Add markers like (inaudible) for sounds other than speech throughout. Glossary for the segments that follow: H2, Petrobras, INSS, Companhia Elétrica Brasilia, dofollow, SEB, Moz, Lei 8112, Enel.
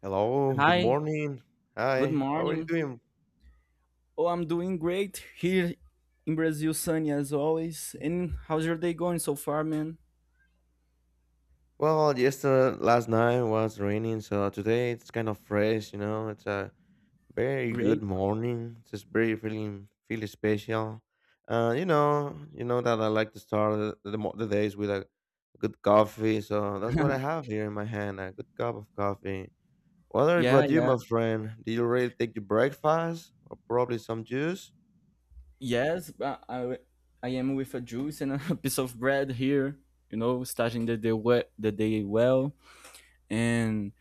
Hello, good Hi, morning. good Hi, how are you morning. doing? Oh, I'm doing great here in Brazil, sunny as always. And how's your day going so far, man? Well, yesterday, last night was raining, so today it's kind of fresh, you know. It's a very Great. good morning. It's just very feel special. You know that I like to start the days with a good coffee, so that's what I have here in my hand, a good cup of coffee. What Yeah, about you, yeah. my friend? Did you already take your breakfast or probably some juice? Yes, I am with a juice and a (laughs) piece of bread here, starting the day, the day well. And,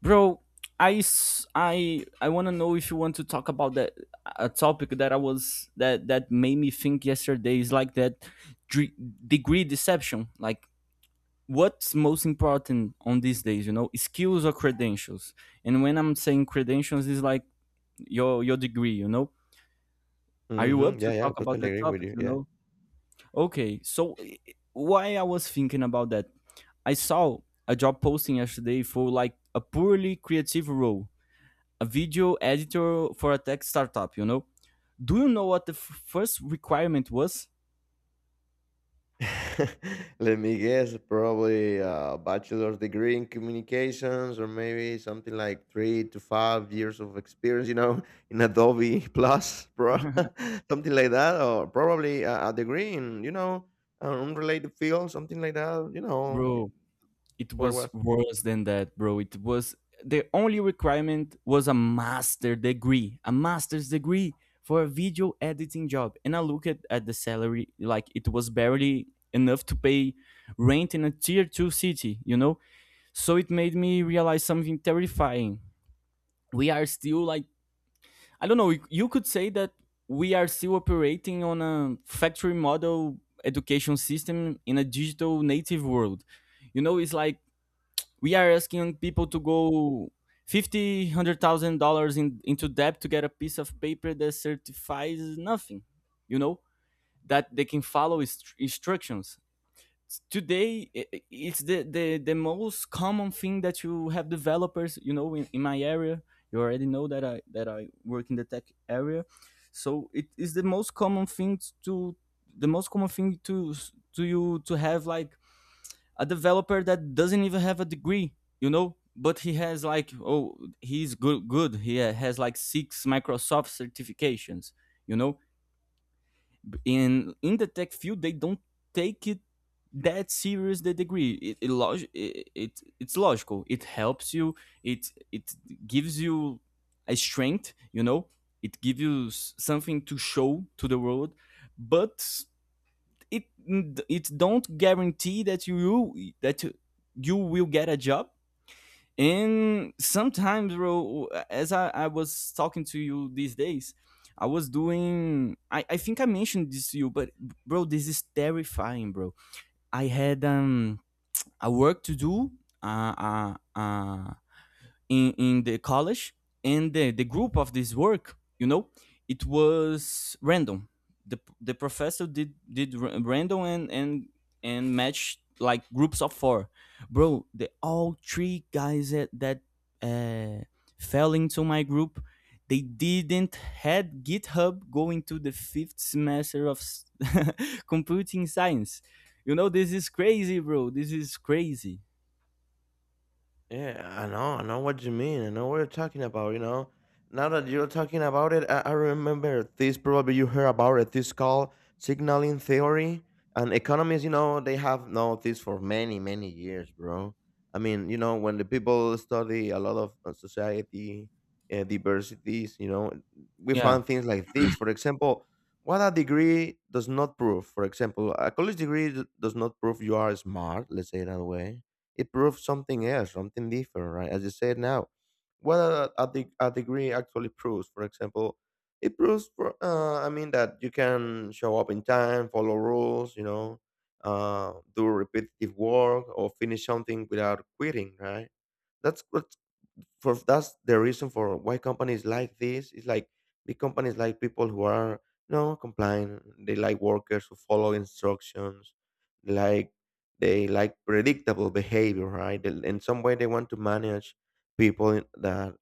bro, I want to know if you want to talk about that a topic that I was that that made me think yesterday, is like that dre- degree deception, like what's most important on these days, skills or credentials. And when I'm saying credentials is like your degree. Are you up Mm-hmm. to Yeah, yeah, talk about totally that agree with topic you. you Yeah. know Okay, so, why I was thinking about that, I saw a job posting yesterday for like a purely creative role, a video editor for a tech startup. Do you know what the first requirement was? (laughs) Let me guess, probably a bachelor's degree in communications, or maybe something like 3 to 5 years of experience, (laughs) in Adobe Plus, pro (laughs) (laughs) something like that, or probably a degree in, an unrelated field, something like that, Bro, it what was was. worse than that, bro. It was The only requirement was a master's degree for a video editing job. And I looked at, the salary, like it was barely enough to pay rent in a tier two city, you know? So it made me realize something terrifying. We are still like, I don't know, you could say that we are still operating on a factory model education system in a digital native world. It's like we are asking people to go fifty hundred thousand dollars in into debt to get a piece of paper that certifies nothing you know that they can follow instructions. Today, it's the most common thing that you have developers, in my area. You already know that I work in the tech area. So it is to the most common thing to you to have like a developer that doesn't even have a degree, but he has like, oh, he's good, he has like six Microsoft certifications. You know. In the tech field, they don't take it that serious, the degree. It's logical. It helps you. It gives you a strength. It gives you something to show to the world. But it it don't guarantee that that you will get a job. And sometimes, bro, as I was talking to you these days, I think I mentioned this to you, but bro, this is terrifying, bro. I had a work to do, uh, uh, uh, in the college, and the group of this work, it was random. The professor did random and matched like groups of four, bro. The all three guys that that uh, fell into my group. They didn't had GitHub going to the fifth semester of (laughs) computing science. This is crazy, bro. This is crazy. Yeah, I know what you mean. I know what you're talking about, you know. Now that you're talking about it, I remember this probably you heard about it, this called signaling theory. And economists, you know, they have known this for many, many years, bro. I mean, you know, when the people study a lot of society diversities, you know, we Yeah, find things like this. For example, what a degree does not prove. For example, a college degree does not prove you are smart, let's say it that way. It proves something else, something different, right? As you said now, what a degree actually proves. For example, it proves, I mean, that you can show up in time, follow rules, do repetitive work, or finish something without quitting, right? That's what that's the reason for why companies like this is like big companies like people who are no compliant. They like workers who follow instructions, like they like predictable behavior, right? They- in some way they want to manage people in- that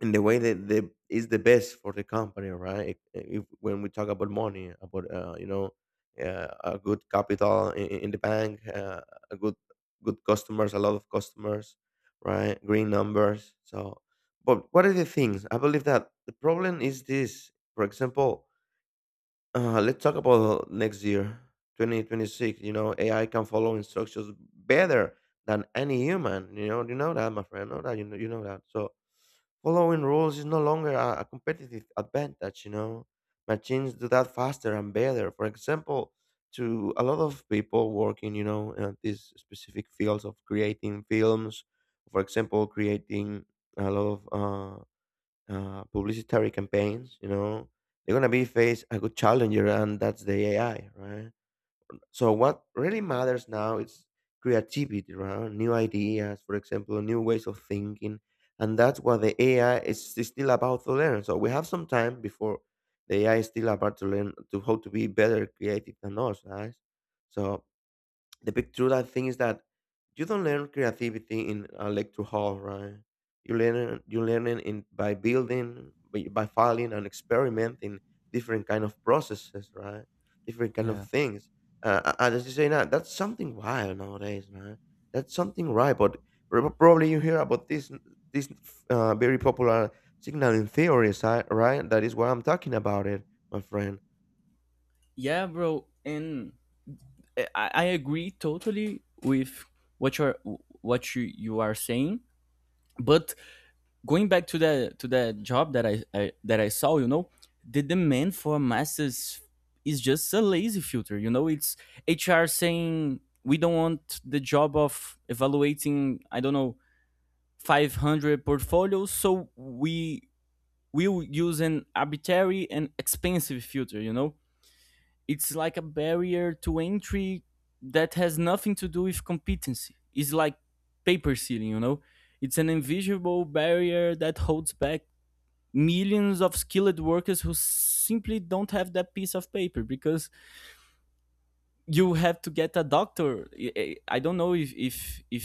in the way that the is the best for the company, right? If when we talk about money, about you know, a good capital in the bank, a good customers, a lot of customers, right? Green numbers. So, but what are the things? I believe that the problem is this. For example, let's talk about next year, 2026. You know, AI can follow instructions better than any human. You know that, my friend. Know that you know that. So following rules is no longer a competitive advantage. You know, machines do that faster and better. For example, to a lot of people working, you know, in these specific fields of creating films, for example, creating a lot of publicitary campaigns, you know, they're gonna be face a good challenger, and that's the AI, right? So what really matters now is creativity, right? New ideas, for example, new ways of thinking, and that's what the AI is still about to learn. So we have some time before the AI is still about to learn to how to be better creative than us, guys. So the big truth I think is that you don't learn creativity in a lecture hall, right? You learn it in by building, by filing and experimenting different kind of processes, right? Different kind of yeah, things. And as you say now, that's something wild nowadays, man. That's something right, but probably you hear about this very popular signaling theories, right? That is what I'm talking about, it, my friend. yeah, bro. And I agree totally with what you're what you are saying. But going back to the job that I saw, the demand for masses is just a lazy filter. It's HR saying we don't want the job of evaluating. I don't know. 500 portfolios, so we will use an arbitrary and expensive filter. It's like a barrier to entry that has nothing to do with competency. It's like paper ceiling, you know? It's an invisible barrier that holds back millions of skilled workers who simply don't have that piece of paper, because you have to get a doctor. Don't know if,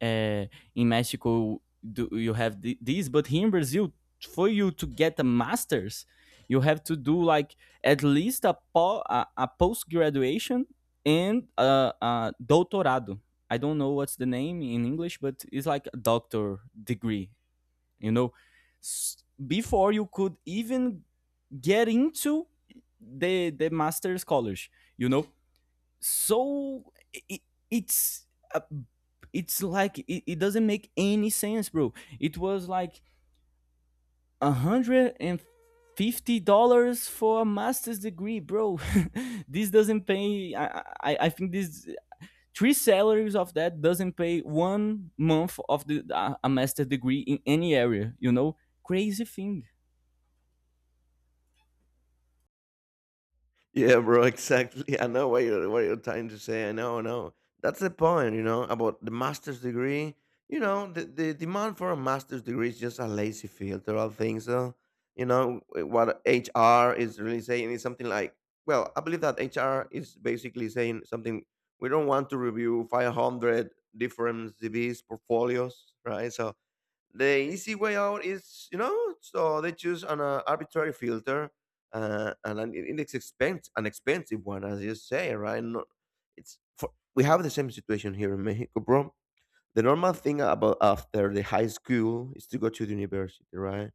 uh, in Mexico do you have this, but here in Brazil, for you to get a master's, you have to do like at least a post graduation and a doutorado. I don't know what's the name in English, but it's like a doctor degree. You know, before you could even get into the master's college. You know, so, it, it's uh, it's like it doesn't make any sense, bro. It was like $150 for a master's degree, bro. (laughs) This doesn't pay. I think this three salaries of that doesn't pay one month of the a master degree in any area. Crazy thing. Yeah, bro, (laughs) exactly. I know what you're trying to say. I know, I know. That's the point, you know, about the master's degree. You know, the demand for a master's degree is just a lazy field. There are things, though. You know, what HR is really saying is something like, well, I believe that HR is basically saying something. We don't want to review 500 different CVs, portfolios, right? So the easy way out is, you know, so they choose an arbitrary filter, and an index expense an expensive one as you say, right? No, it's for, we have the same situation here in Mexico, bro. The normal thing about after the high school is to go to the university, right?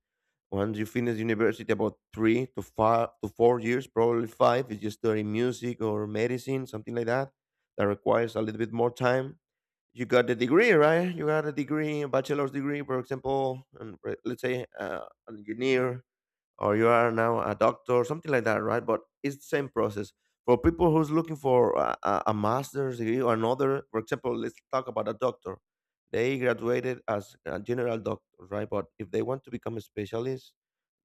Once you finish university about 3 to 5 to 4 years, probably five if you study music or medicine, something like that that requires a little bit more time, you got the degree, right? You got a degree, a bachelor's degree, for example, and let's say an engineer or you are now a doctor, something like that, right? But it's the same process. For people who's looking for a master's degree or another, for example, let's talk about a doctor. They graduated as a general doctor, right? But if they want to become a specialist,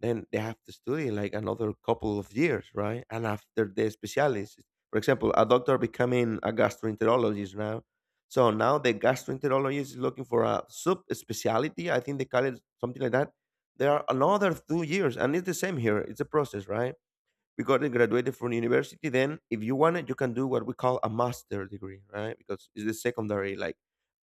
then they have to study like another couple of years, right? And after the specialist, for example, a doctor becoming a gastroenterologist now. So now the gastroenterologist is looking for a sub specialty. I think they call it something like that. There are another 2 years and it's the same here, it's a process, right? Because I graduated from university, then if you want it you can do what we call a master degree, right? Because it's the secondary, like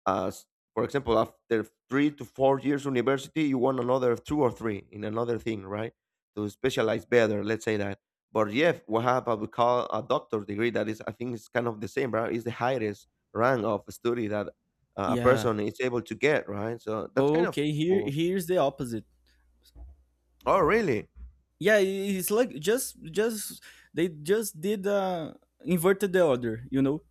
as for example after 3 to 4 years university you want another two or three in another thing, right? To specialize better, let's say that. But yeah, we have what we call a doctor degree that is, I think it's kind of the same, right? It's the highest rank of study that a Yeah. person is able to get, right? So that's kind of Okay. Here cool. here's the opposite. Oh, really? Yeah, it's like just they just did inverted the order,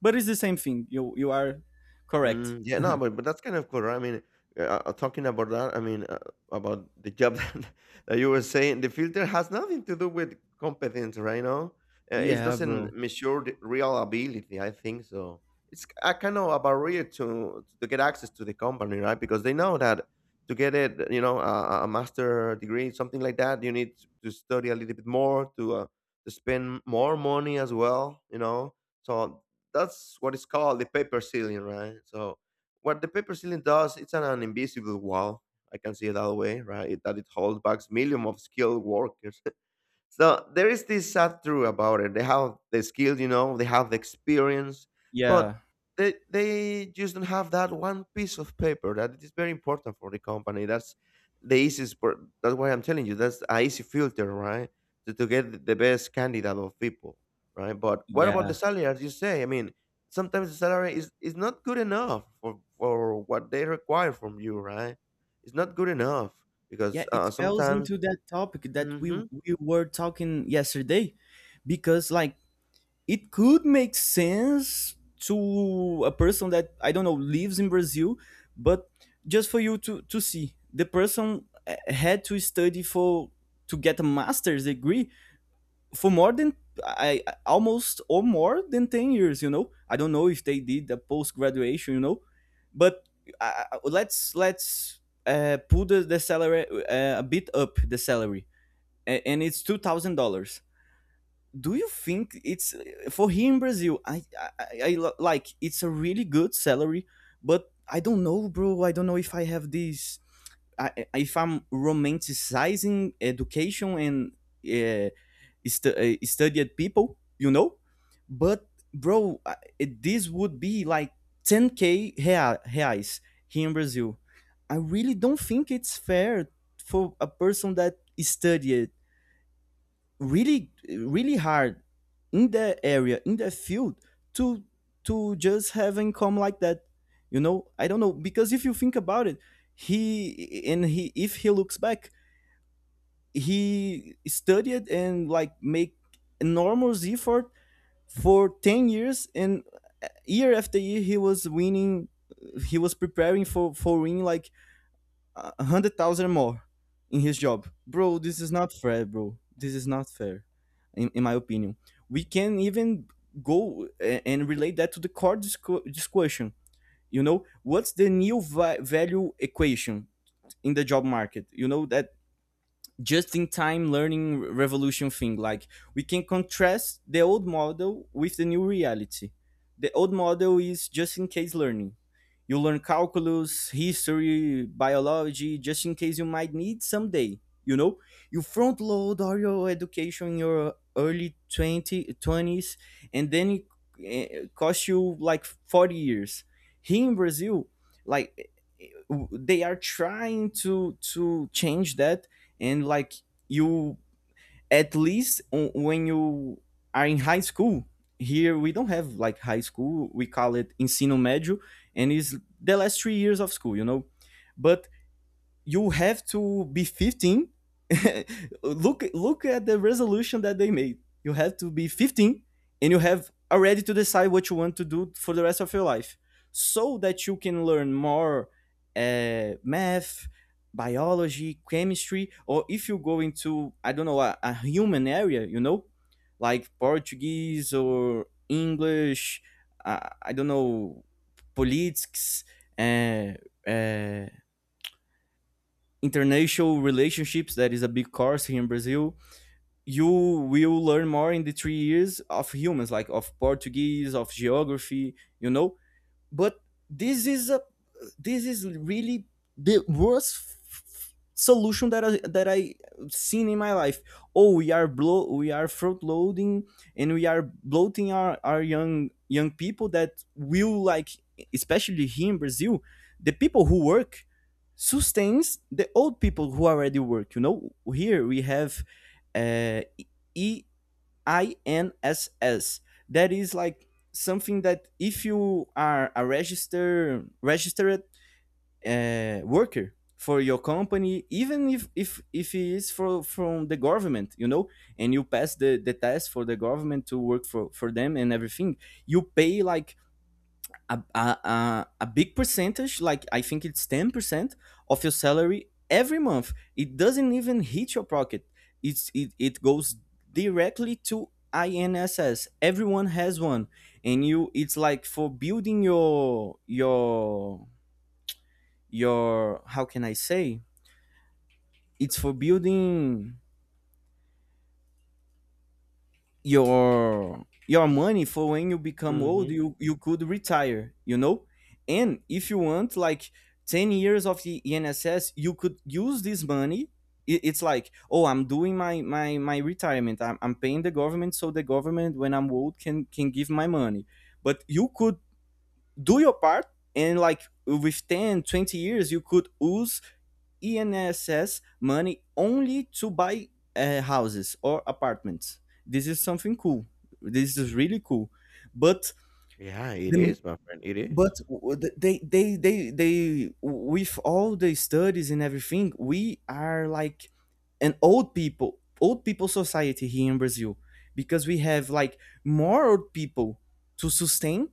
but it's the same thing, you are correct. Mm, yeah, no, but that's kind of cool, right? I mean, talking about that, I mean, about the job (laughs) that, that you were saying, the filter has nothing to do with competence, right? No, it Yeah, bro. doesn't measure the real ability. I think so. It's a kind of a barrier to get access to the company, right? Because they know that to get it, you know, a master degree, something like that, you need to study a little bit more to spend more money as well, you know. So that's what is called the paper ceiling, right? So what the paper ceiling does, it's an invisible wall. I can see it that way, right? It, that it holds back millions of skilled workers. (laughs) So there is this sad truth about it. They have the skills, you know, they have the experience, but Yeah, they just don't have that one piece of paper that is very important for the company. That's the easiest part. That's why I'm telling you. That's a easy filter, right? To get the best candidate of people, right? But what about the yeah, salary? As you say, I mean, sometimes the salary is not good enough for what they require from you, right? It's not good enough yeah, because it falls sometimes. into that topic that we Hmm. we were talking yesterday, because like, it could make sense to a person that, I don't know, lives in Brazil. But just for you to see, the person, had to study for, to get a master's degree for more than, I almost or more than 10 years. I don't know if they did a post graduation. But let's pull the salary, a bit up the salary, and it's $2,000. Do you think it's, for here in Brazil? Like, it's a really good salary. But I don't know, bro, I don't know if I have this. If I'm romanticizing education and, uh, studied people, but bro, this would be like 10K reais here in Brazil. I really don't think it's fair for a person that studied really really hard in their area, in their field, to to just have income like that. I don't know, because if you think about it, he and he if he looks back, he studied and like, make enormous effort for 10 years, and year after year, he was winning, he was preparing for winning like 100,000 more in his job. Bro, this is not fair, bro. This is not fair, in my opinion. We can even go and relate that to the core discussion. What's the new value equation in the job market? You know that just in time learning revolution thing. Like, we can contrast the old model with the new reality. The old model is just in case learning. You learn calculus, history, biology, just in case you might need someday. You know, you front load all your education in your early 20 twenties, and then it costs you like 40 years. Here in Brazil, like they are trying to change that, and like, you at least when you are in high school, here we don't have like high school, we call it ensino médio, and it's the last 3 years of school, but you have to be 15. (laughs) Look, look at the resolution that they made, you have to be 15, and you have already to decide what you want to do for the rest of your life, so that you can learn more math, biology, chemistry, or if you go into, I don't know, a human area, like Portuguese or English, I don't know, politics, uh, uh, international relationships, that is a big course here in Brazil. You will learn more in the 3 years of humans, like of Portuguese, of geography you know but this is a this is really the worst solution that I seen in my life. Oh, we are front loading, and we are bloating our young people that will like, especially here in Brazil, the people who work sustains the old people who already work. Here we have uh, E, INSS. That is like something that, if you are a registered worker for your company, even if it is for from the government, and you pass the test for the government to work for them and everything, you pay like a big percentage, like I think it's 10% of your salary every month. It doesn't even hit your pocket. It goes directly to INSS. Everyone has one. And you it's like for building your, how can I say? It's for building your money for when you become old, you could retire, and if you want like 10 years of the enss, you could use this money. It's like, oh, I'm doing my retirement. I'm paying the government, so the government when I'm old can give my money. But you could do your part, and like, with 10-20 years, you could use ENSS money only to buy houses or apartments. This is something cool. This is really cool. But Yeah, it the is, my friend. It is. but they with all the studies and everything, we are like an old people society here in Brazil, because we have like more old people to sustain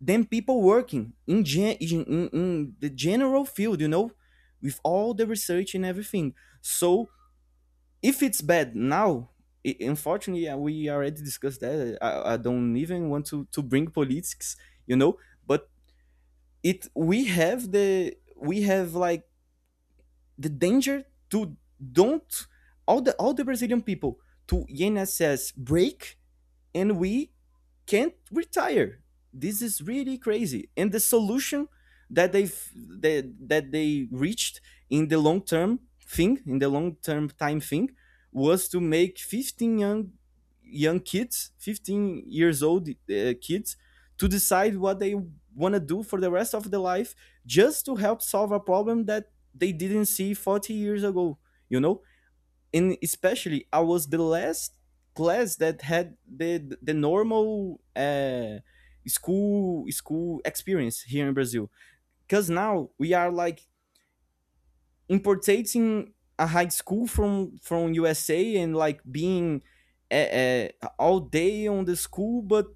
than people working in, in the general field, you know, with all the research and everything. So if it's bad now, we already discussed that. I don't even want to bring politics, you know, but it we have the we have like the danger to don't all the Brazilian people to INSS break and we can't retire. This is really crazy. And the solution that they that they reached in the long term thing, in the long term time thing, was to make 15 young kids, 15 years old kids, to decide what they want to do for the rest of their life, just to help solve a problem that they didn't see 40 years ago. You know, and especially I was the last class that had the normal school experience here in Brazil. Because now we are like importating a high school from USA and like being uh, uh, all day on the school, but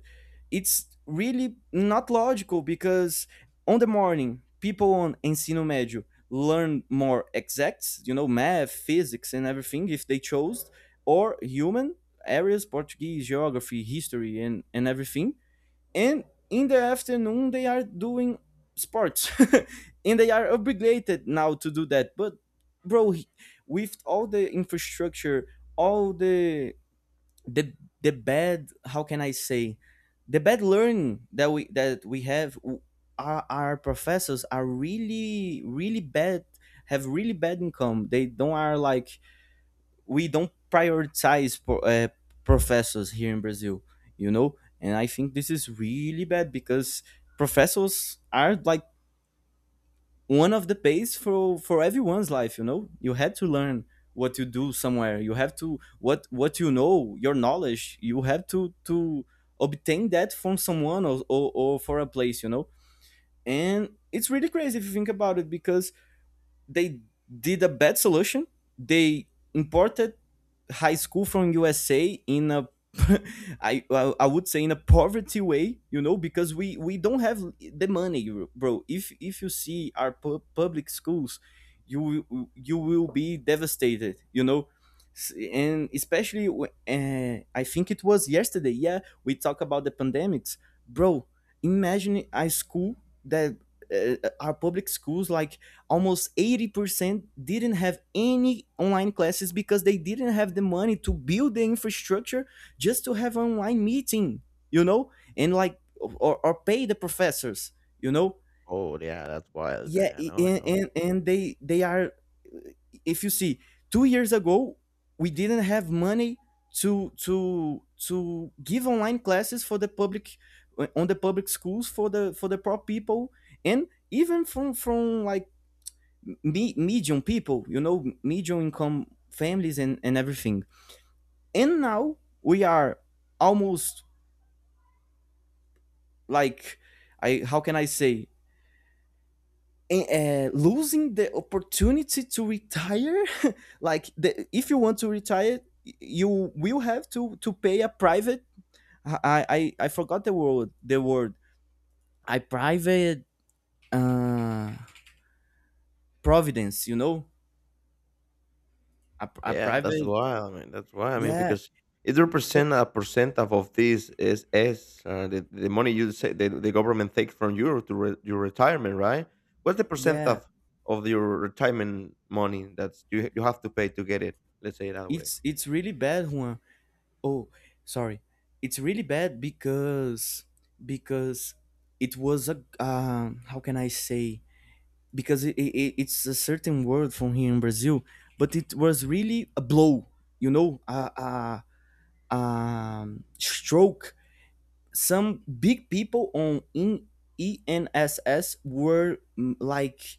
it's really not logical because on the morning people on ensino médio learn more exacts, you know, math, physics, and everything if they chose, or human areas, Portuguese, geography, history, and everything and in the afternoon they are doing sports (laughs) and they are obligated now to do that but bro, with all the infrastructure, all the the bad, how can I say, the bad learning that we have, our professors are really bad, have really bad income, they don't are like, we don't prioritize professors here in Brazil, you know? And I think this is really bad because professors are like one of the base for everyone's life, you know? You had to learn what you do somewhere. You have to, what you know, your knowledge, you have to obtain that from someone or for a place, you know? And it's really crazy if you think about it because they did a bad solution. They imported high school from USA in a (laughs) I would say in a poverty way, you know, because we don't have the money, bro. If you see our public schools, you will be devastated, you know. And especially, I think it was yesterday. Yeah, we talk about the pandemics, bro. Imagine a school that uh, our public schools like almost 80% didn't have any online classes because they didn't have the money to build the infrastructure just to have an online meeting, you know, and like or pay the professors, you know. Oh, yeah, that's wild. Yeah, I know, I and, know. and and they are, if you see 2 years ago, we didn't have money to give online classes for the public, on the public schools, for the poor people, and even from like medium people, you know, medium income families, and everything. And now we are almost like, I, how can I say, losing the opportunity to retire. (laughs) Like, the, if you want to retire, you will have to pay a private. I forgot the word. The word, a private, uh, providence. You know, a Yeah, that's private. wild, man. That's wild. I mean, Yeah, because it eh, represent a percent of this is the money you say the government takes from you to re, your retirement, right? What's the percent yeah. Of your retirement money that's you you have to pay to get it? Let's say it that way. It's really bad, Juan. Oh, sorry. It's really bad because because it was a, how can I say? Because it's a certain word from here in Brazil, but it was really a blow. You know, a stroke. Some big people on in ENSS were like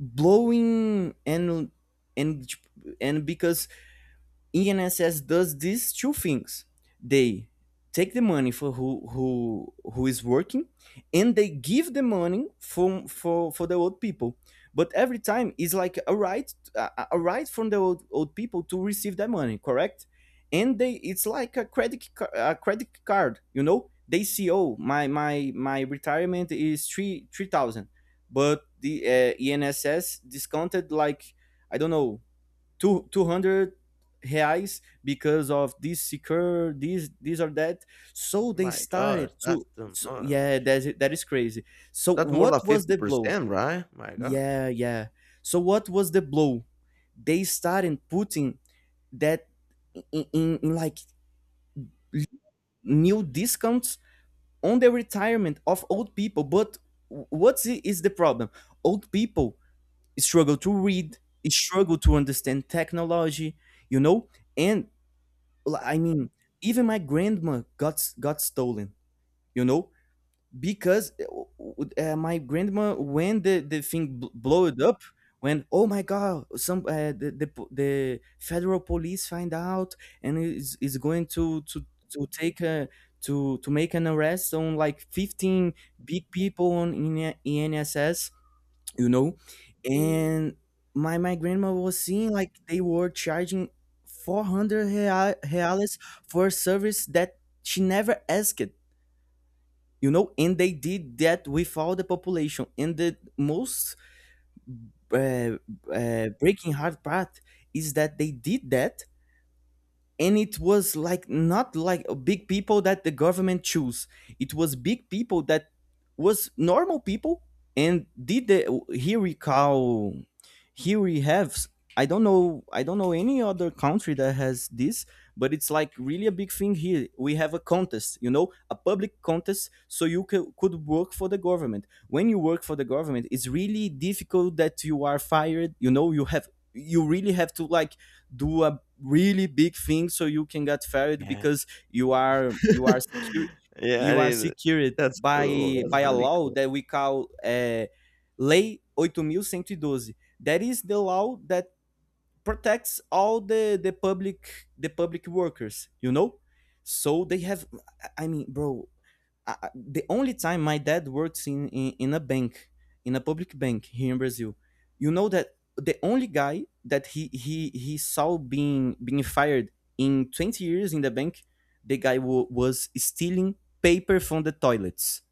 blowing and and because ENSS does these two things. They take the money for who is working, and they give the money from for the old people, but every time it's like a right, a right from the old people to receive that money, correct, and they, it's like a credit, a credit card, you know, they see, oh, my retirement is three thousand, but the enss discounted like I don't know, 200 reais because of this secure, this or that, so they My gosh, started that's to, too so, yeah, much. That is crazy, so That's more than what was fifty the blow? percent, right? My gosh. Yeah, yeah. So what was the blow? They started putting that, in like l- new discounts on the retirement of old people, but what is the problem? Old people struggle to read, struggle to understand technology, you know. And, I mean, even my grandma got got stolen. You know, because my grandma, when the thing blowed up, when, oh my god, some, the federal police find out and is going to take a, to make an arrest on like 15 big people on in NSS, you know. And my grandma was seeing like they were charging 400 reales for a service that she never asked, you know, and they did that with all the population, and the most uh, breaking heart part is that they did that, and it was like not like a big people that the government choose, it was big people that was normal people and did the, here we call, here we have I don't know, I don't know any other country that has this, but it's like really a big thing. Here we have a contest, you know, a public contest, so you could work for the government. When you work for the government, it's really difficult that you are fired, you know, you have, you really have to like do a really big thing so you can get fired, because you are, you are secure, (laughs) Yeah, I you are mean, secured that's cool, by that's a really law cool. that (laughs) we call Lei eight mil cento e Doze, that is the law that protects all the the public workers, you know. So they have, I mean, bro, I, the only time my dad works in, in a bank, in a public bank here in Brazil, you know that the only guy that he saw being fired in 20 years in the bank, the guy was stealing paper from the toilets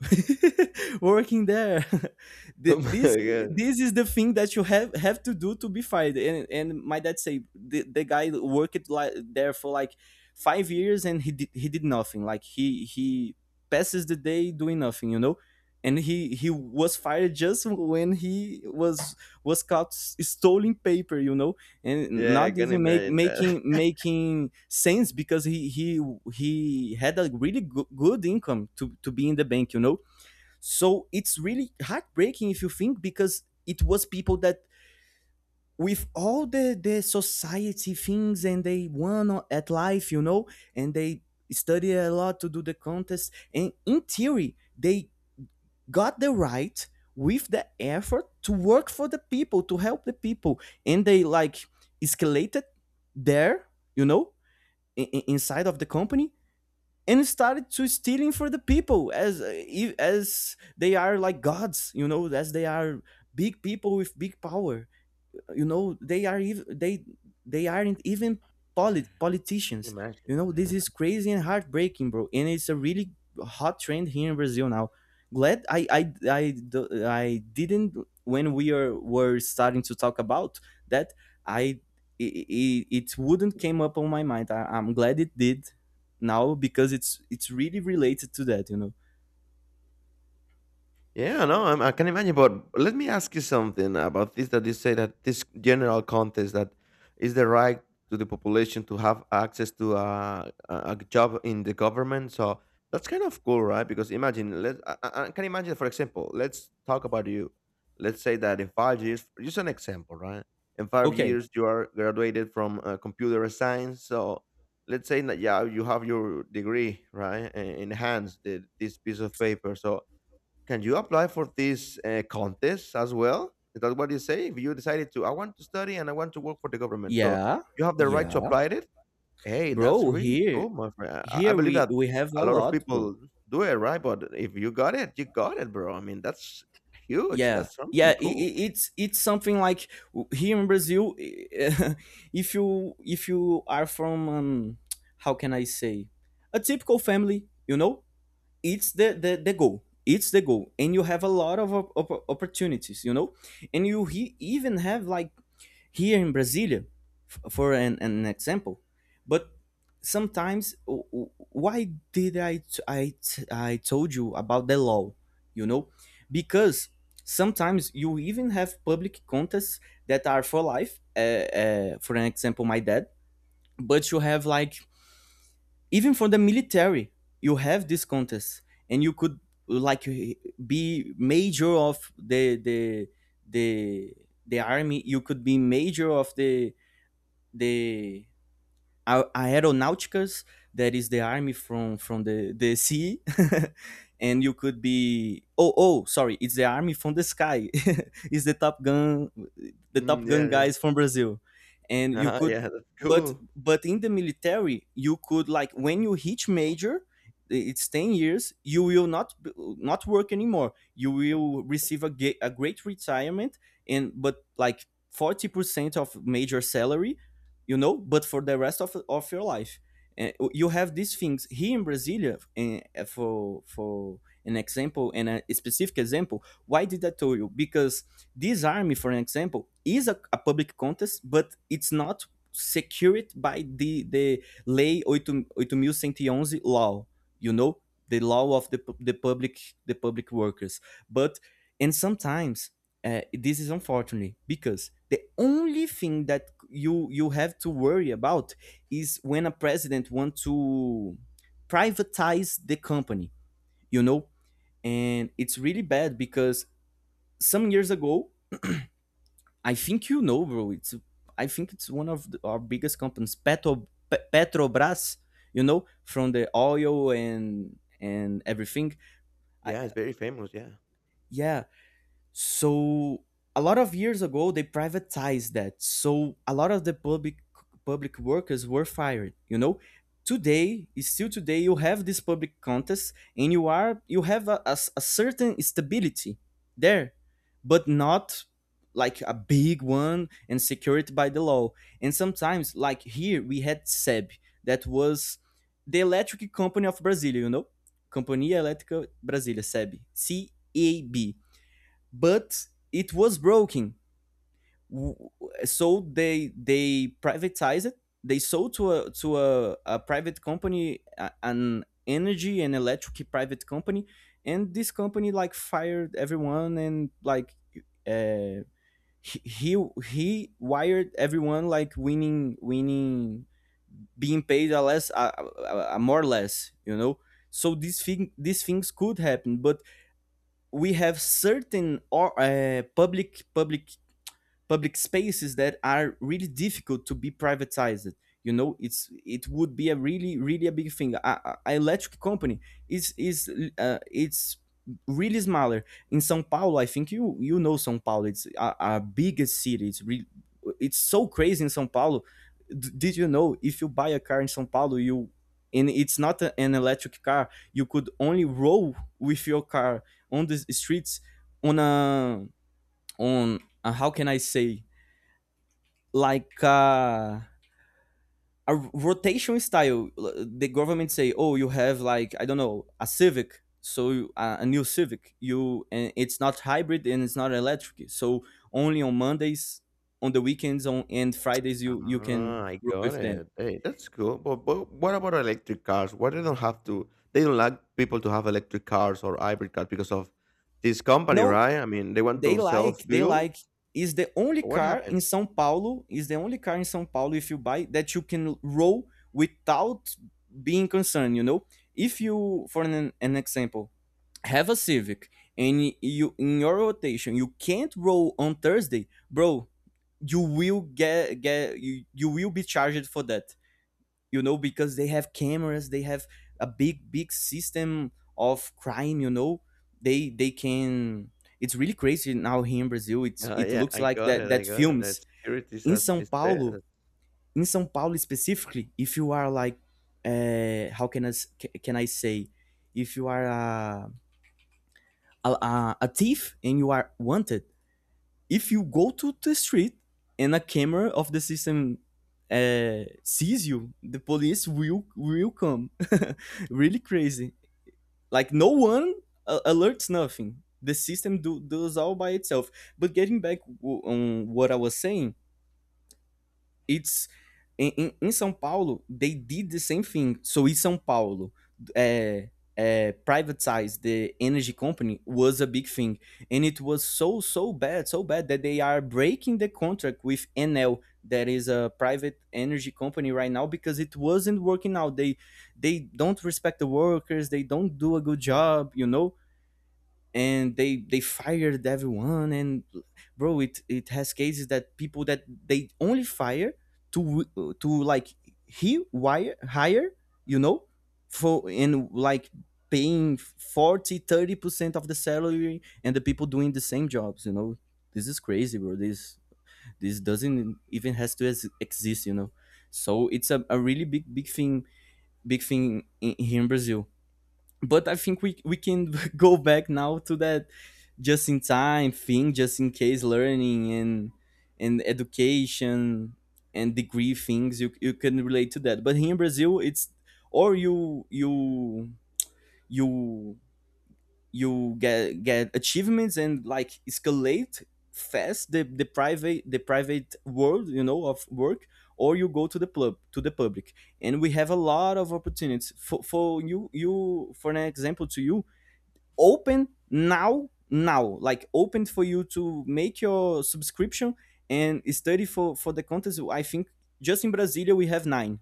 (laughs) working there (laughs) Oh this my god. this is the thing that you have to do to be fired. And my dad say, the guy worked like there for like 5 years and he did, he did nothing, like he passes the day doing nothing, you know, and he was fired just when he was caught stealing paper, you know, and Yeah, I not can even make imagine that. Making sense, because he had a really good income to be in the bank, you know. So it's really heartbreaking if you think, because it was people that, with all the society things, and they won at life, you know, and they studied a lot to do the contest, and in theory they got the right with the effort to work for the people, to help the people, and they like escalated there, you know, in, inside of the company, and started to stealing for the people as, as they are like gods, you know, as they are big people with big power, you know, they aren't even (laughs) Yeah, I politicians, can imagine you that, know. I This can. is crazy and heartbreaking, bro, and it's a really hot trend here in Brazil now. Glad I didn't, when we are were starting to talk about that, I it, it wouldn't came up on my mind. I'm glad it did now because it's really related to that, you know. Yeah, no, I'm, I can imagine. But let me ask you something about this that you say that this general contest that is the right to the population to have access to a job in the government. So that's kind of cool, right? Because imagine, let I can imagine, for example, let's talk about you. Let's say that in 5 years, just an example, right? In five Okay. years, you are graduated from computer science. So let's say that yeah, you have your degree, right, in hands, the, this piece of paper. So can you apply for this contests as well? Is that what you say? If you decided to, I want to study and I want to work for the government, so Yeah, you have the right to yeah. apply it. Hey, that's Bro, really here, cool, my friend. I here believe that we have a a lot of lot, bro. people do it, right? But if you got it, you got it, bro. I mean, that's huge. Yeah, That's yeah. something cool. It's something like, here in Brazil, (laughs) if you, if you are from how can I say, a typical family, you know, it's the the goal. It's the goal, and you have a lot of opportunities, and even have like here in Brasilia, for an example. But sometimes, why did I I told you about the law, you know because sometimes you even have public contests that are for life. For an example, my dad. But you have like, even for the military, you have this contest. And you could, like, be major of the the army. You could be major of the aeronauticas, that is the army from the sea. (laughs) And you could be, oh, oh sorry, it's the army from the sky. (laughs) It's the top gun, the top Mm, gun yeah, yeah, guys from Brazil. And you (laughs) could, yeah. That's cool. but in the military you could, like, when you hit major, it's 10 years you will not not work anymore. You will receive a great retirement. And but like, 40% of major salary, but for the rest of your life. And you have these things here in Brasilia, and for an example, and a specific example, why did I tell you? Because this army, for an example, is a public contest, but it's not secured by the lei 8 mil cento e Onze law, you know the law of the public, the public workers. But and sometimes, this is unfortunate because the only thing that you have to worry about is when a president wants to privatize the company, you know and it's really bad because some years ago, I think, you know, bro, it's, I think it's one of the, our biggest companies, Petrobras, from the oil and everything. I, Yeah, it's very famous. Yeah. yeah. So a lot of years ago, they privatized that. So a lot of the public workers were fired. You know, today, still today, you have this public contest, and you have a certain stability there, but not like a big one and secured by the law. And sometimes, like here, we had SEB that was the electric company of Brasilia. You know, Companhia Elétrica Brasilia (SEB) (CEAB), but it was broken, so they privatized it. They sold to a private company, an energy and electric private company. And this company, like, fired everyone, and like, uh, he he he wired everyone, like, winning, being paid a less, a more less, so these things could happen. But we have certain or, public spaces that are really difficult to be privatized, it's, it would be a really, really a big thing. A electric company is it's really smaller. In Sao Paulo, I think, you know Sao Paulo, it's a biggest city, it's really, it's so crazy in Sao Paulo. Did you know if you buy a car in Sao Paulo, you, and it's not an electric car, you could only roll with your car on the streets, on a, how can I say, like, a rotation style. The government say, "Oh, you have, like, I don't know, a Civic, so, a new Civic. You, and it's not hybrid and it's not electric. So only on Mondays, on the weekends, on and Fridays you can Ah, I roll got with them." it. Hey, that's cool. But what about electric cars? Why they don't have to? They don't like people to have electric cars or hybrid cars because of this company, No. right? I mean, they want They to sell like, they fuel. like. Is the only What car in happened? São Paulo, is the only car in São Paulo, if you buy that you can roll without being concerned, you know? If you, for an example, have a Civic, and you, in your rotation, you can't roll on Thursday, bro, you will get you will be charged for that, because they have cameras, they have a big big system of crime, they can, it's really crazy now here in Brazil, it's, it Yeah, looks I like got that, it. I got it. That films. security is In as Sao is Paulo, best. Specifically, if you are like, how can I can I say, if you are a, a thief and you are wanted, if you go to the street and a camera of the system, sees you, the police will come. (laughs) Really crazy. Like no one, alerts nothing. The system does all by itself. But getting back on what I was saying, it's, in São Paulo, they did the same thing. So in São Paulo, eh, privatize the energy company was a big thing, and it was so, so bad that they are breaking the contract with Enel, that is a private energy company right now, because it wasn't working out. They don't respect the workers, they don't do a good job, and they fired everyone. And bro, it has cases that people that they only fire to to, like, he wire hire, you know for, and like paying 40, 30% of the salary, and the people doing the same jobs, this is crazy, bro. This doesn't even has to exist, so it's a really big big thing, in, here in Brazil. But I think we can (laughs) go back now to that just in time thing, just in case learning and education and degree things, you can relate to that. But here in Brazil, it's, or you you get achievements and, like, escalate fast the private, world, of work. Or you go to the pub, to the public, and we have a lot of opportunities for you, for an example, to you open now, like open for you to make your subscription and study for the contest. I think just in Brasilia we have nine,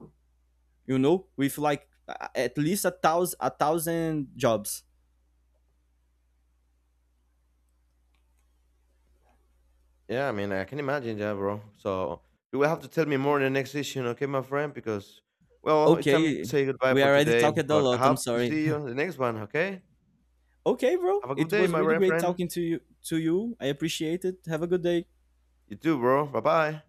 you know, with like at least a thousand jobs. Yeah, I mean, I can imagine that, bro. So you will have to tell me more in the next session, okay, my friend? Because well, it's time to Okay, say goodbye we for already today. talked a But I lot, I'm hope to sorry. see (laughs) you in the next one. Okay? Okay, bro, Have a it good day, was really my great friend. talking to you. I appreciate it. Have a good day. You too, bro. Bye bye.